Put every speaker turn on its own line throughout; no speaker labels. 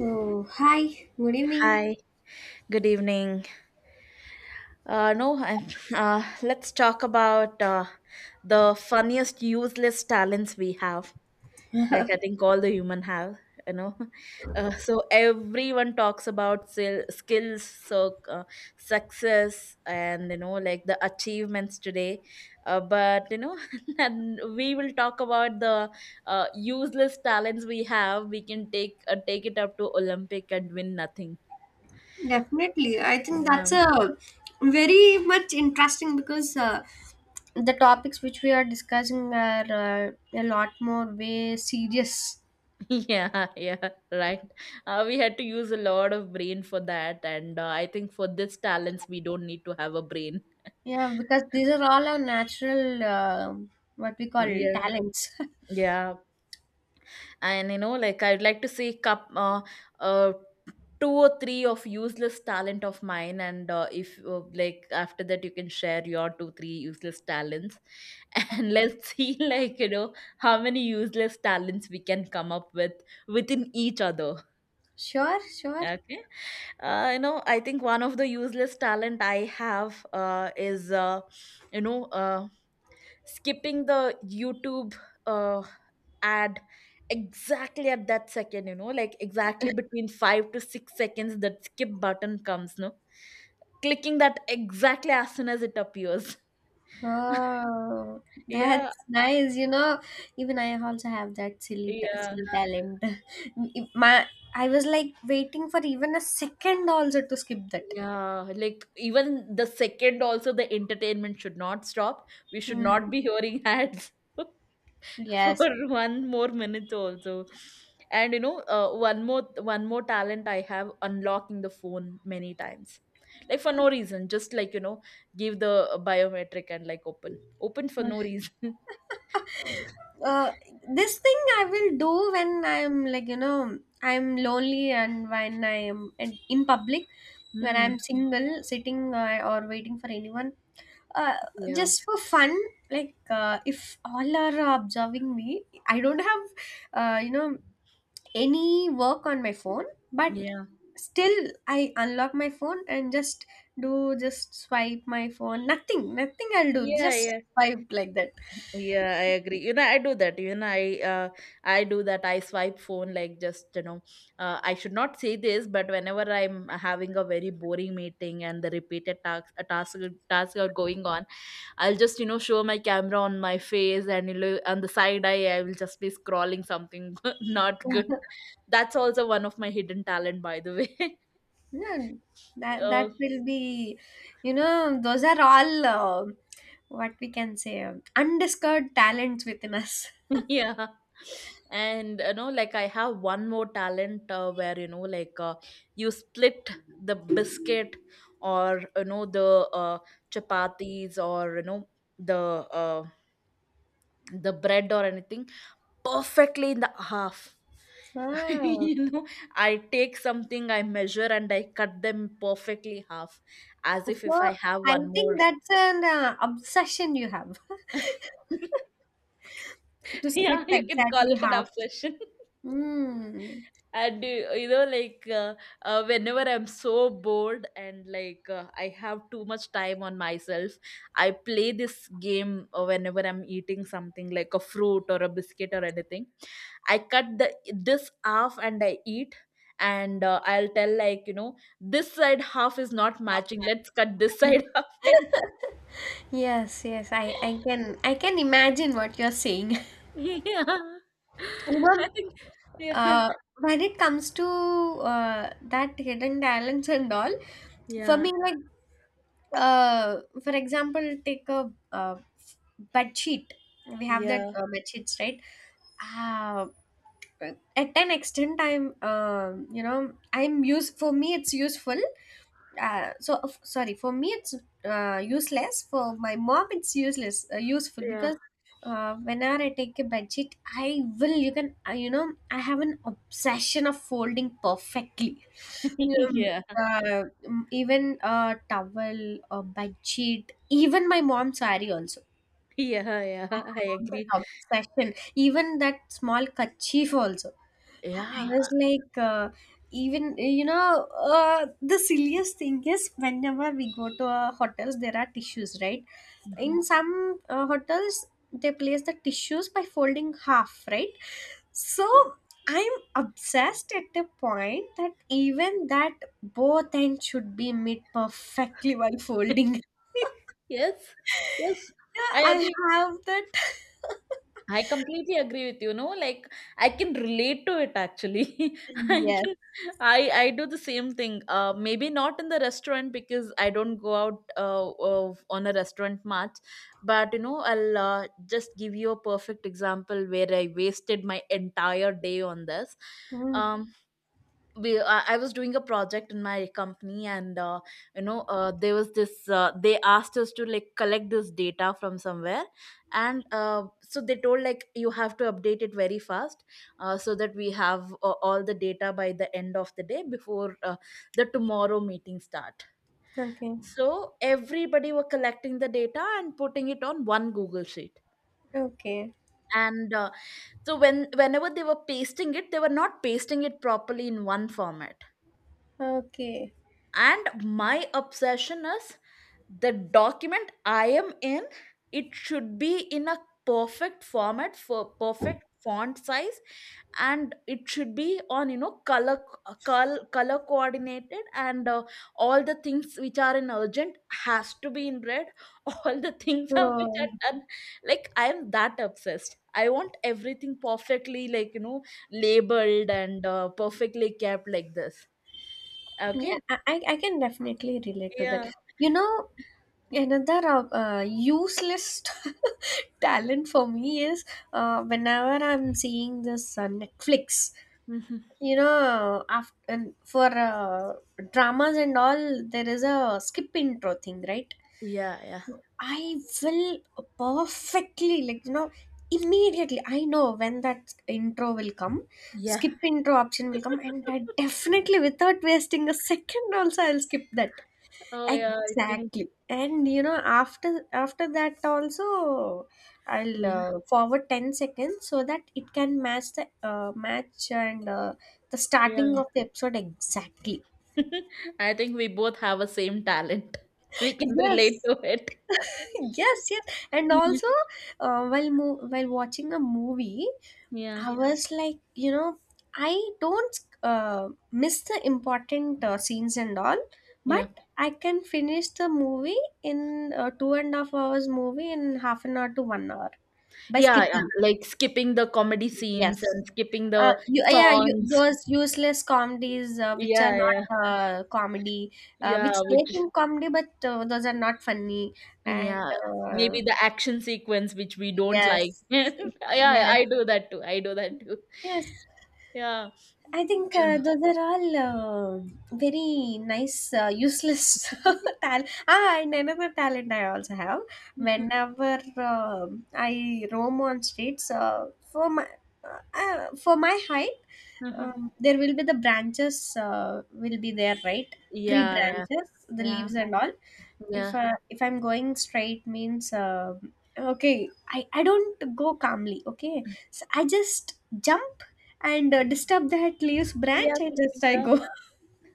Oh, hi. Good evening.
Hi, good evening. No, I'm, let's talk about the funniest useless talents we have. Like I think all the human have, you know. So everyone talks about skills, so success, and you know, like the achievements today. But you know, and we will talk about the useless talents we have. We can take take it up to Olympic and win nothing.
Definitely. I think
Yeah.
that's a very much interesting because the topics which we are discussing are a lot more way serious.
Yeah, yeah, right. We had to use a lot of brain for that, and I think for this talents, we don't need to have a brain.
Yeah, because these are all our natural what we call
Yeah,
talents.
yeah, and you know, like I'd like to say, cup, uh, two or three of useless talent of mine, and if like after that, you can share your two, three useless talents, and let's see, like you know, how many useless talents we can come up with within each other.
Sure, sure.
Okay. I think one of the useless talent I have is, you know, uh, skipping the YouTube uh, ad exactly at that second, you know, like exactly between 5 to 6 seconds that skip button comes, no? Clicking that exactly as soon as it appears.
Oh,
Yeah,
that's nice. You know, even I also have that
yeah,
silly talent. My, I was like waiting for even a second also to skip that.
yeah. Like even the second also the entertainment should not stop. We should not
Hmm.
be hearing ads. For
Yes.
one more minute also. And you know one more talent I have, unlocking the phone many times, like for no reason, just like you know, give the biometric and like open open for no reason.
Uh, this thing I will do when I'm like, you know, I'm lonely and when I am in public, when I'm
Hmm.
single, sitting or waiting for anyone. Uh,
Yeah.
just for fun, like if all are observing me, I don't have, you know, any work on my phone, but
Yeah.
still I unlock my phone and just do, just swipe my phone. Nothing, nothing I'll do,
Yeah.
just
Yeah.
swipe like that.
Yeah, I agree. You know, I do that. You know, I do that. I swipe phone like just you know. I should not say this, but whenever I'm having a very boring meeting and the repeated tasks, tasks are going on, I'll just you know show my camera on my face and you know, on the side eye, I will just be scrolling something, not good. That's also one of my hidden talent, by the way.
Yeah, that
Uh,
that will be, you know, those are all what we can say undiscovered talents within us.
yeah, and you know like I have one more talent, where you know you split the biscuit, or you know the chapatis, or you know the uh, the bread or anything perfectly in the half.
Wow.
You know, I take something, I measure and I cut them perfectly half, as
So
if I have
I
one more.
think that's an obsession you have to split
Yeah, you can call
exactly
it an
half.
obsession.
Mm.
and you know like Whenever I'm so bored and I have too much time on myself, I play this game. Whenever I'm eating something like a fruit or a biscuit or anything, I cut the this half and I eat, and I'll tell like you know, this side half is not matching, let's cut this side half. And
Yes, yes, I, I can I can imagine what you're saying.
yeah,
You know,
I think, yeah,
uh, when it comes to that hidden talents and all, for
yeah.
me, like for example, take a bed sheet. We have that
Yeah.
bed sheets, right? Uh, at an extent, you know, I'm use for me. It's useful sorry, for me it's useless. For my mom it's useless useful
Yeah.
because whenever I take a bedsheet I will, you can, you know, I have an obsession of folding perfectly. You know,
Yeah.
even a towel, a bedsheet, even my mom's saree also,
Yeah, yeah, I
that
agree.
obsession, even that small kerchief also. I
Yeah.
was like, even you know, the silliest thing is whenever we go to a hotels, there are tissues, right? In
Mhm.
some hotels, they place the tissues by folding half, right? So I'm obsessed at the point that even that both ends should be made perfectly while folding.
Yes, yes,
Yeah,
I
I
agree.
have that.
I completely agree with you. No, like I can relate to it actually. I
Yes.
can, I do the same thing. Maybe not in the restaurant because I don't go out on a restaurant much. But you know, I'll just give you a perfect example where I wasted my entire day on this.
Mm,
Um. We I was doing a project in my company, and there was this they asked us to like collect this data from somewhere, and so they told like you have to update it very fast, so that we have all the data by the end of the day, before the tomorrow meeting start.
okay.
So everybody were collecting the data and putting it on one Google sheet.
Okay.
And so when whenever they were pasting it, they were not pasting it properly in one format.
Okay.
And my obsession is, the document I am in, it should be in a perfect format, for perfect font size, and it should be on you know color, color coordinated, and all the things which are in urgent has to be in red. All the things are, which
Oh.
are done, like I am that obsessed. I want everything perfectly, like you know, labeled and perfectly kept like this. Okay,
Yeah, I can definitely relate to that.
yeah.
You know, another useless talent for me is whenever I'm seeing this Netflix,
Mhm.
you know, after, for dramas and all, there is a skip intro thing, right?
Yeah, yeah,
I will perfectly, like, you know, immediately, I know when that intro will come,
yeah.
skip intro option will come, and I definitely, without wasting a second, also, I'll skip that.
Oh, yeah, I think,
Exactly. And you know, after that also, I'll
yeah,
forward 10 seconds so that it can match the match and the starting
yeah.
of the episode exactly.
I think we both have a same talent. We can relate
Yes.
to it.
Yes, yes. And
Yeah,
also, while while watching a movie,
yeah,
I was like, you know, I don't miss the important scenes and all,
yeah,
but I can finish the movie in 2.5 hours movie in half an hour to one hour by
yeah. Yeah.
skipping.
Like skipping the comedy scenes
Yes.
and skipping the
Yeah, you,
songs.
those useless comedies which are
Yeah, yeah,
not comedy,
yeah.
which they
Which,
think comedy, but those are not funny. And
yeah,
uh,
maybe the action sequence which we don't like.
yes,
Yeah,
yes,
I do that too. I do that too.
yes.
Yeah.
I think
You know.
those are all very nice, useless talent. Ah, and another talent I also have. Whenever I roam on streets, for my uh, for my height, there will be the branches will be there, right? Tree
Yeah, yeah,
branches, the
yeah,
leaves and all. if
yeah.
uh, if I'm going straight means okay, I don't go calmly. Okay, so I just jump and disturb that leaves
Yeah,
branch and just I
yeah,
go.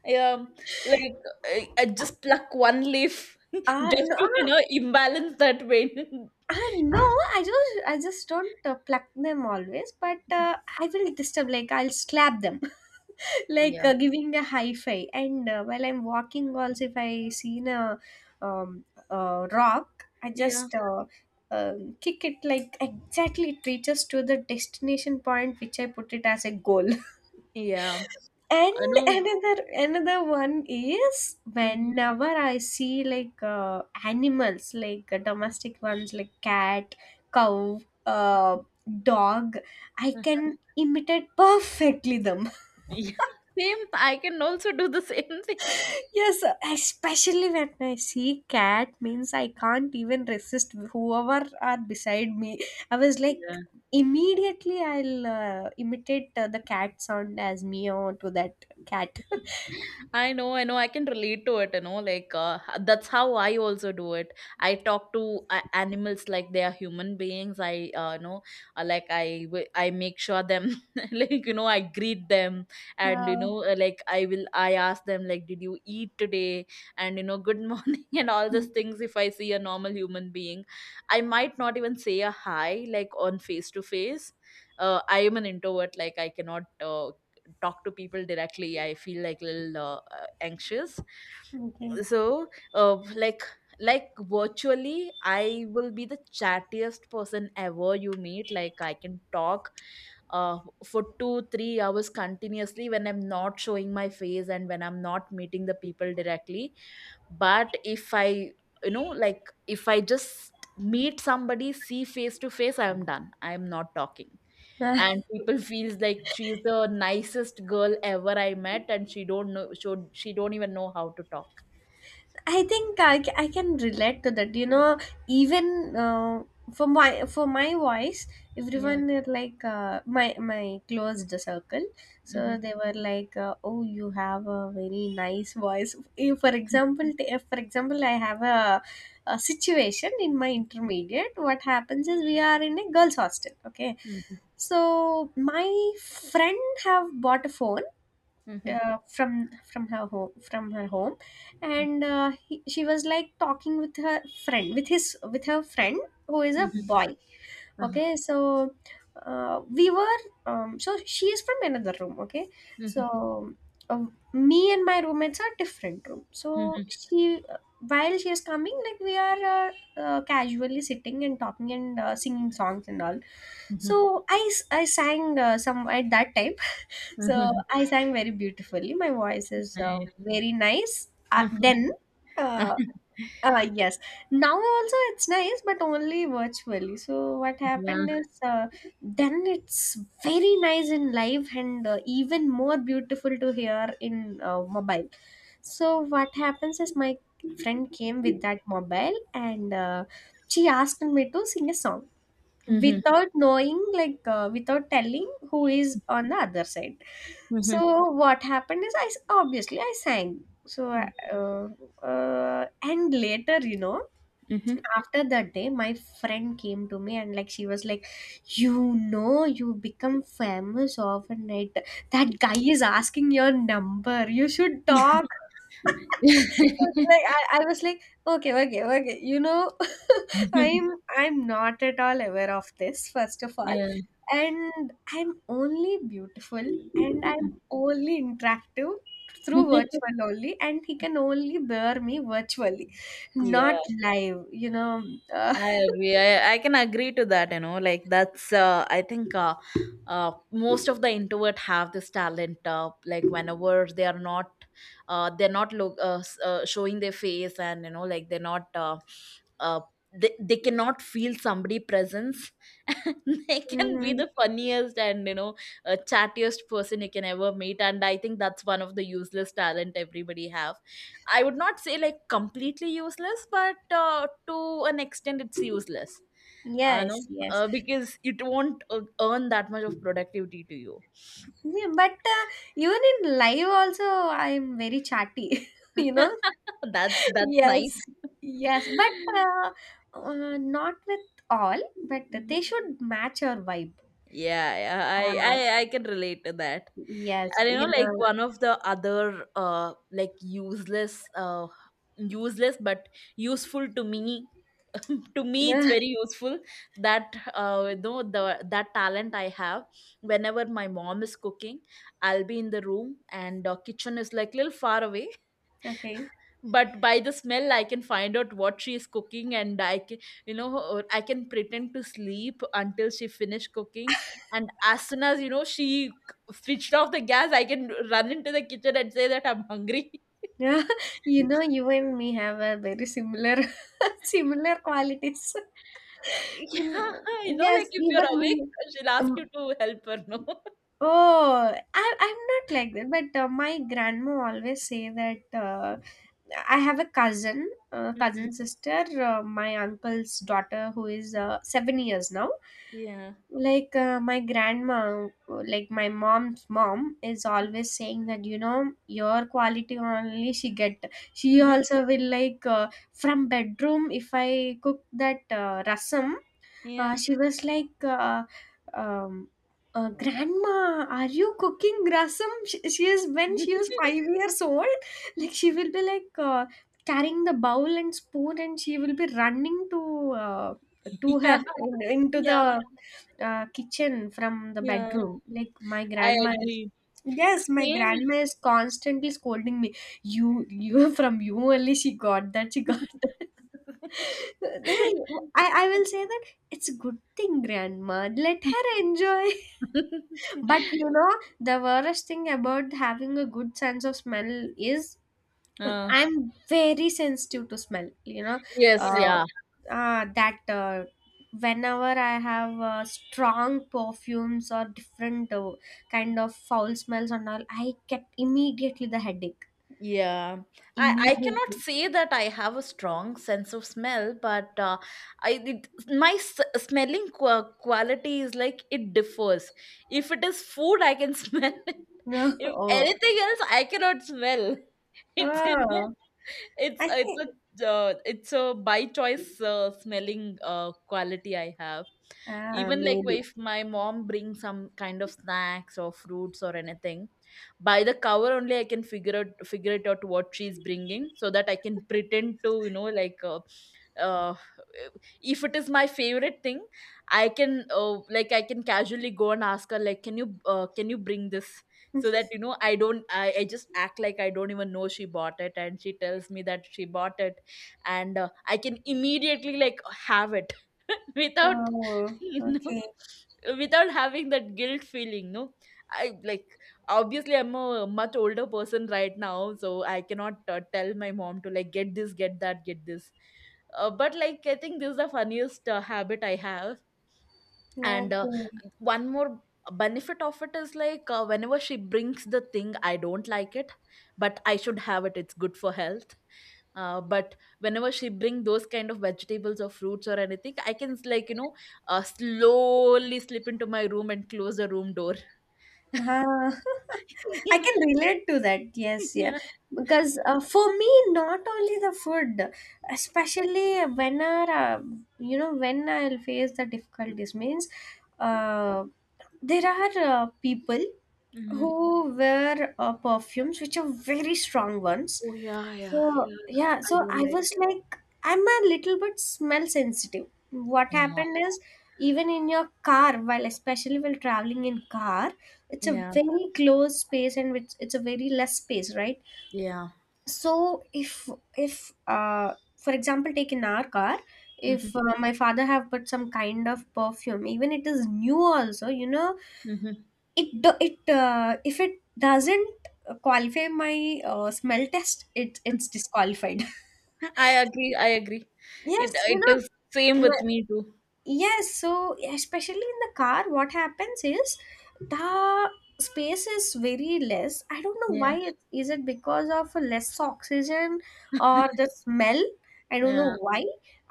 yeah. Like I just pluck one leaf
Ah,
just
no,
to you know imbalance that vein.
Uh, no, I just don't pluck them always, but I will disturb, like I'll slap them, like
Yeah.
giving a high five. And while I'm walking, also if I seen a rock, I
Yeah,
just kick it like exactly it reaches to the destination point which I put it as a goal.
yeah.
And
I know.
another one is
Mhm.
whenever I see like animals, like domestic ones, like cat, cow, uh, dog, I can imitate perfectly them.
Yeah. Same. I can also do the same thing.
Yes, especially when I see cat, means I can't even resist whoever are beside me. I was like. Immediately, I'll imitate the cat sound as meow to that cat.
I know, I know, I can relate to it, you know, like that's how I also do it. I talk to animals like they are human beings. Like I make sure them, like, you know, I greet them, and, you
Yeah.
know, like I ask them, like, did you eat today? And, you know, good morning and all these things. If I see a normal human being, I might not even say a hi, like on face to face. I am an introvert, like I cannot talk to people directly. I feel like a little anxious.
Okay.
So uh, like like virtually I will be the chattiest person ever you meet. Like I can talk uh, for 2 3 hours continuously when I'm not showing my face and when I'm not meeting the people directly. But if I, you know, like if I just meet somebody see face to face, I am done, I am not talking.
Uh,
And people feels like she's the nicest girl ever I met, and she don't know, she, don't even know how to talk.
I think I can relate to that. You know, even for my voice,
Yes.
everyone is like my closed circle. So
Mhm.
they were like, "Oh, you have a very nice voice." If, for example, I have a situation in my intermediate. What happens is we are in a girls' hostel. Okay,
Mhm.
so my friend have bought a phone
Mhm.
from her home
Mhm.
and she was like talking with her friend with her friend who is a
Mhm.
boy.
Uh-huh.
Okay, so we were, so she is from another room. Okay,
Mhm.
so uh, me and my roommates are different room. So
Mhm.
she, while she is coming, like we are casually sitting and talking and singing songs and all. So
Mhm.
I sang some at that time. So
Mhm.
I sang very beautifully. My voice is
Nice.
very nice. Then, uh, yes, now also it's nice, but only virtually. So what
Yeah.
happened is, then it's very nice in live and even more beautiful to hear in mobile. So what happens is my friend came with that mobile and she asked me to sing a song
Mhm.
without knowing, like without telling who is on the other side.
Mhm.
So what happened is obviously I sang. So and later, you know,
Mhm.
after that day my friend came to me and like she was like, you know, you become famous overnight. That guy is asking your number, you should talk. Like I was like, okay, okay, okay, you know. i'm I'm not at all aware of this first of all,
Yeah.
and I'm only beautiful, and I'm only interactive through virtual only, and he can only bear me virtually, not
Yeah.
live, you know. uh,
I agree. I can agree to that, you know, like that's, I think most of the introvert have this talent, like whenever they are not, they're not showing their face, and, you know, like they're not, uh, they cannot feel somebody presence. They can be the
mm,
funniest and, you know, chattiest person you can ever meet. And I think that's one of the useless talent everybody have. I would not say like completely useless, but to an extent, it's useless. No,
yes, yes.
because it won't earn that much of productivity to you.
Yeah, but even in live also I'm very chatty. You know,
That's nice.
yes, yes. But not with all, but they should match our vibe.
Yeah,
uh,
yeah, I can relate to that.
yes,
And you know,
you
like one of the other like useless but useful to me, to me it's
know.
very useful, that you know the that talent I have, whenever my mom is cooking, I'll be in the room and kitchen is like little far away,
Okay.
but by the smell I can find out what she is cooking. And I can, you know, or I can pretend to sleep until she finished cooking, and as soon as you know she switched off the gas, I can run into the kitchen and say that I'm hungry.
Yeah, you know, you and me have a very similar similar qualities.
Yeah, you know like
Yes,
if you're
even me.
awake, she'll ask you
Um,
to help her, no?
oh, I'm not like that, but my grandma always say that I have a cousin,
Mhm.
cousin sister, my uncle's daughter, who is 7 years now.
Yeah.
Like my grandma, like my mom's mom is always saying that, you know, your quality only she get. She also will like, from bedroom if I cook that rasam,
Yeah.
she was like um, grandma, are you cooking rasam? She is, when she was 5 years old, like she will be like carrying the bowl and spoon, and she will be running uh, to
Yeah,
her into
yeah,
the kitchen from the
yeah,
bedroom. Like my
I
grandma is,
agree,
yes, my
same.
grandma is constantly scolding me, you, from you only she got that, then I will say that it's a good thing, Grandma. Let her enjoy. But you know, the worst thing about having a good sense of smell is
Uh,
I'm very sensitive to smell. You know,
yes,
uh,
yeah,
that whenever I have strong perfumes or different kind of foul smells and all, I get immediately the headache.
yeah. I cannot
Immediately.
say that I have a strong sense of smell, but I it, my smelling quality is like it differs. If it is food, I can smell it. If
Oh,
anything else, I cannot smell. It's you know,
oh,
it's
I
uh, it's
think
it's a by choice smelling quality I have. Even like
maybe.
if my mom brings some kind of snacks or fruits or anything, by the cover only I can figure it out what she's bringing, so that I can pretend to you know like. Uh, if it is my favorite thing, I can like I can casually go and ask her like, can you, can you bring this, so that you know I just act like I don't even know she bought it, and she tells me that she bought it. And I can immediately like have it without
Oh,
you know
okay.
without having that guilt feeling, no. I like, obviously I'm a much older person right now, so I cannot tell my mom to like get this, get that, get this. But like I think this is the funniest habit I have. And
Okay.
one more benefit of it is like, whenever she brings the thing I don't like it, but I should have it, it's good for health. But whenever she bring those kind of vegetables or fruits or anything, I can like slowly slip into my room and close the room door.
Ah,
Yeah,
I can relate to that. Yes, yeah.
yeah.
Because for me, not only the food, especially whenever, you know, when I'll face the difficulties, means uh, there are people
Mhm.
who wear perfumes which are very strong ones.
Oh yeah, yeah,
So,
yeah.
yeah,
I
so
don't
I
like
was
it.
like, I'm a little bit smell sensitive. What
Yeah,
happened is, even in your car, while especially while traveling in car, it's a
yeah,
very closed space, and it's a very less space, right?
yeah.
So if for example, take in our car,
Hmm.
if my father have put some kind of perfume, even it is new also, you know,
Hmm.
it do it if it doesn't qualify my smell test, it's disqualified.
I agree, I agree. It
Yes, you
it is same
know,
with me too.
yes. So, especially in the car, what happens is the space is very less. I don't know
Yeah.
why it is. It because of less oxygen or the smell. I don't know
Yeah.
why.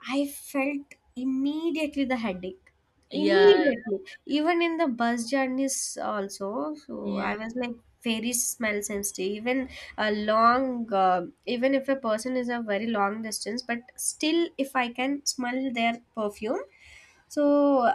I felt immediately the headache.
Yeah.
Immediately, even in the bus journeys also. So
Yeah.
I was like very smell sensitive. Even a long even if a person is a very long distance, but still if I can smell their perfume, so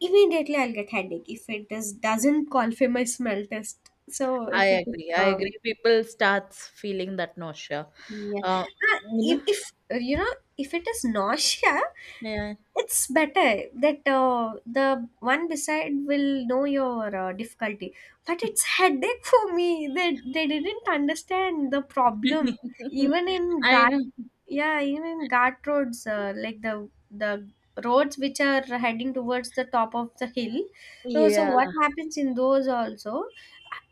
immediately I'll get headache if it is doesn't call for my smell test, so
I
if it is
agree, I
strong.
agree. People starts feeling that nausea.
Yeah.
Uh,
Ah,
you know.
if you know if it is nausea,
Yeah.
it's better that the one beside will know your difficulty, but it's headache for me. They didn't understand the problem even in
I
guard.
know.
Yeah, even in guard roads, like the roads which are heading towards the top of the hill. So
Yeah.
what happens in those also,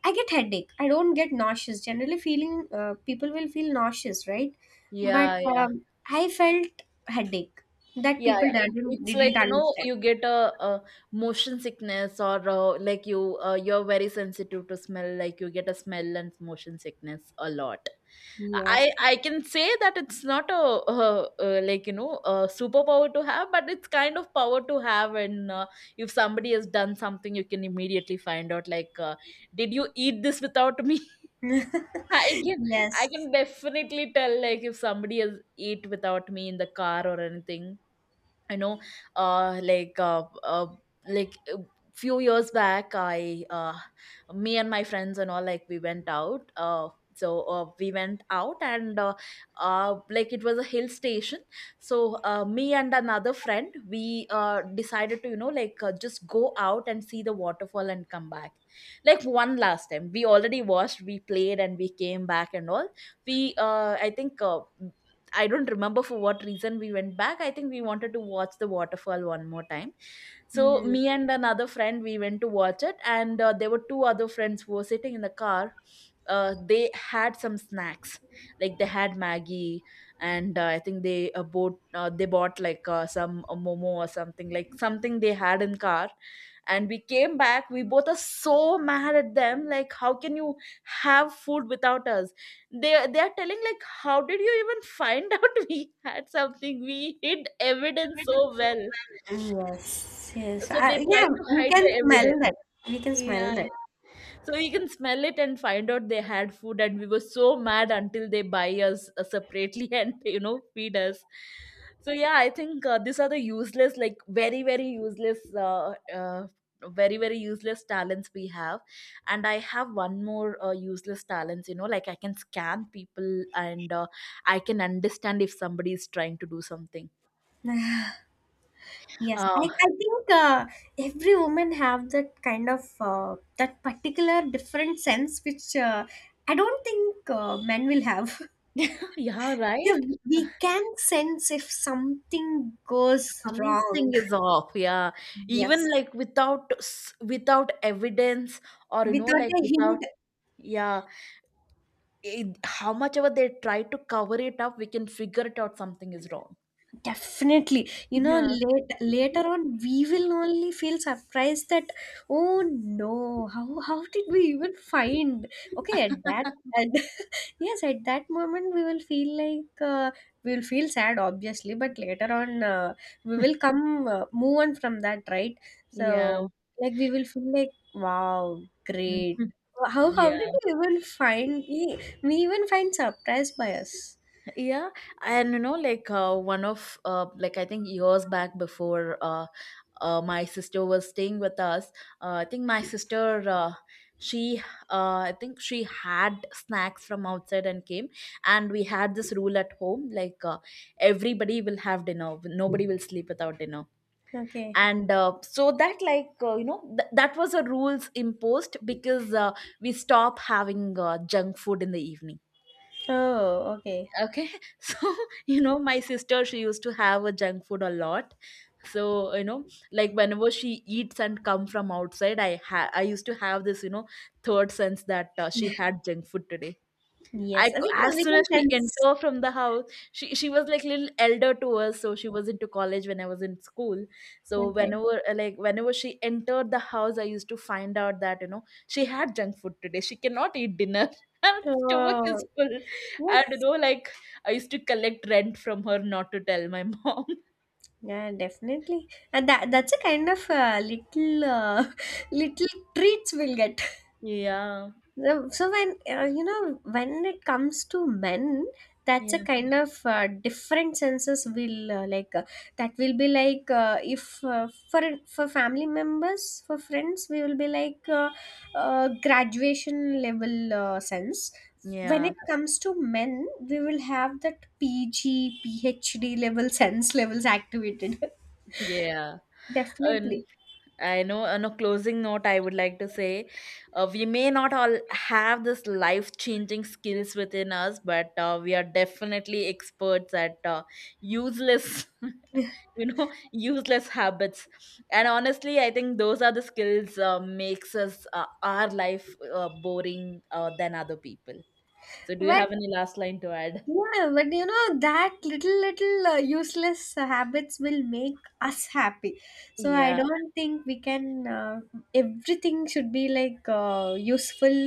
I get headache. I don't get nauseous. Generally, feeling, people will feel nauseous, right? But
Yeah. Yeah.
I felt headache that
Yeah,
people
yeah, it, it's like
didn't
you know
understand.
you get a motion sickness or like you, you're very sensitive to smell, like you get a smell and motion sickness a lot. I
Yes,
I can say that it's not a, uh, a superpower to have, but it's kind of power to have. And If somebody has done something, you can immediately find out, like did you eat this without me? I can, I
yes.
can definitely tell, like if somebody has ate without me in the car or anything, you know uh like uh, uh like uh, few years back I me and my friends and all, like we went out, so we went out, and like it was a hill station. So me and another friend, we decided to just go out and see the waterfall and come back, like one last time. We already watched, we played, and we came back and all. We I think I don't remember for what reason we went back. I think we wanted to watch the waterfall one more time. So
Mm.
me and another friend, we went to watch it, and there were two other friends who were sitting in the car. They had some snacks, like they had Maggie, and I think they bought like some momo or something, like something they had in car. And we came back. We both are so mad at them. Like, how can you have food without us? They are telling like, how did you even find out we had something? We hid evidence so well.
Yes, yes.
So they try
Yeah,
to
we
hide
can
the
smell
evidence.
that. We can
Yeah.
smell
So he can smell it and find out they had food, and we were so mad until they buy us separately and you know feed us. So yeah, I think these are the useless, like very very useless talents we have. And I have one more useless talents. You know, like I can scan people, and I can understand if somebody is trying to do something.
that. Yes,
Uh,
I think every woman have that kind of that particular different sense which I don't think men will have.
yeah,
Yeah,
right.
we can sense if something goes
Something
wrong.
is off, yeah.
Yes.
Even like without without evidence, or you know
Without
like
a
without,
hint.
yeah, it, how much ever they try to cover it up, we can figure it out something is wrong.
Definitely. You know,
Yeah.
later on, we will only feel surprised that, oh no, how did we even find? Okay, at that, and yes, at that moment, we will feel like, we will feel sad, obviously, but later on, move on from that, right?
Yeah.
So, like, we will feel like, wow,
Mhm.
great. How did
Yeah,
we even find, we even find surprised by us?
yeah. And you know, like one of like I think years back before my sister was staying with us. uh, i think my sister uh, she I think she had snacks from outside and came, and we had this rule at home, like everybody will have dinner, nobody will sleep without dinner.
Okay.
And So that like that was a rules imposed, because we stop having junk food in the evening.
Oh, okay.
Okay. So you know, my sister, she used to have a junk food a lot. So you know, like whenever she eats and come from outside, I used to have this, you know, third sense that she had junk food today. I
Yes,
c
I think
As
we
soon
can
as she
sense.
entered from the house, she was like little elder to us, so she was into college when I was in school. So
Okay.
whenever whenever she entered the house, I used to find out that you know she had junk food today. She cannot eat dinner. Her stomach is
Oh,
full. I don't
yes.
know. Like I used to collect rent from her not to tell my mom.
Yeah, definitely. And that's a kind of little little treats we'll get.
Yeah.
So when you know, when it comes to men, that's a
Yeah.
kind of different senses will like that will be like if for family members, for friends, we will be like graduation level sense. When
Yeah.
it comes to men, we will have that PG PhD level sense levels activated.
Yeah. And
Definitely,
I know, on a closing note, I would like to say we may not all have this life changing skills within us, but we are definitely experts at useless, you know, useless habits. And honestly, I think those are the skills makes us our life boring than other people. So, do you
but
have any last line to add?
yeah, but you know that little little useless habits will make us happy. So I
Yeah,
don't think we can. Everything should be like useful,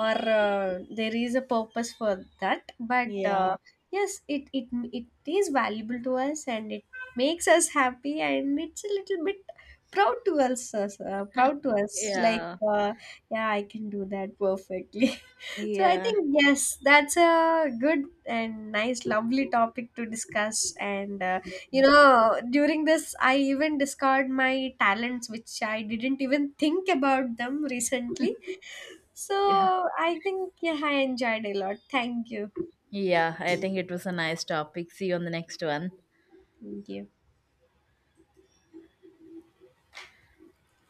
or there is a purpose for that. But
yeah.
yes, it is valuable to us, and it makes us happy, and it's a little bit proud to us. Proud to us, like
Yeah,
yeah, I can do that perfectly. So I
yeah.
think yes, that's a good and nice lovely topic to discuss, and you know, during this I even discovered my talents which I didn't even think about them recently. So
Yeah.
I think, yeah, I enjoyed a lot. Thank you.
Yeah, I think it was a nice topic. See you on the next one.
Thank you.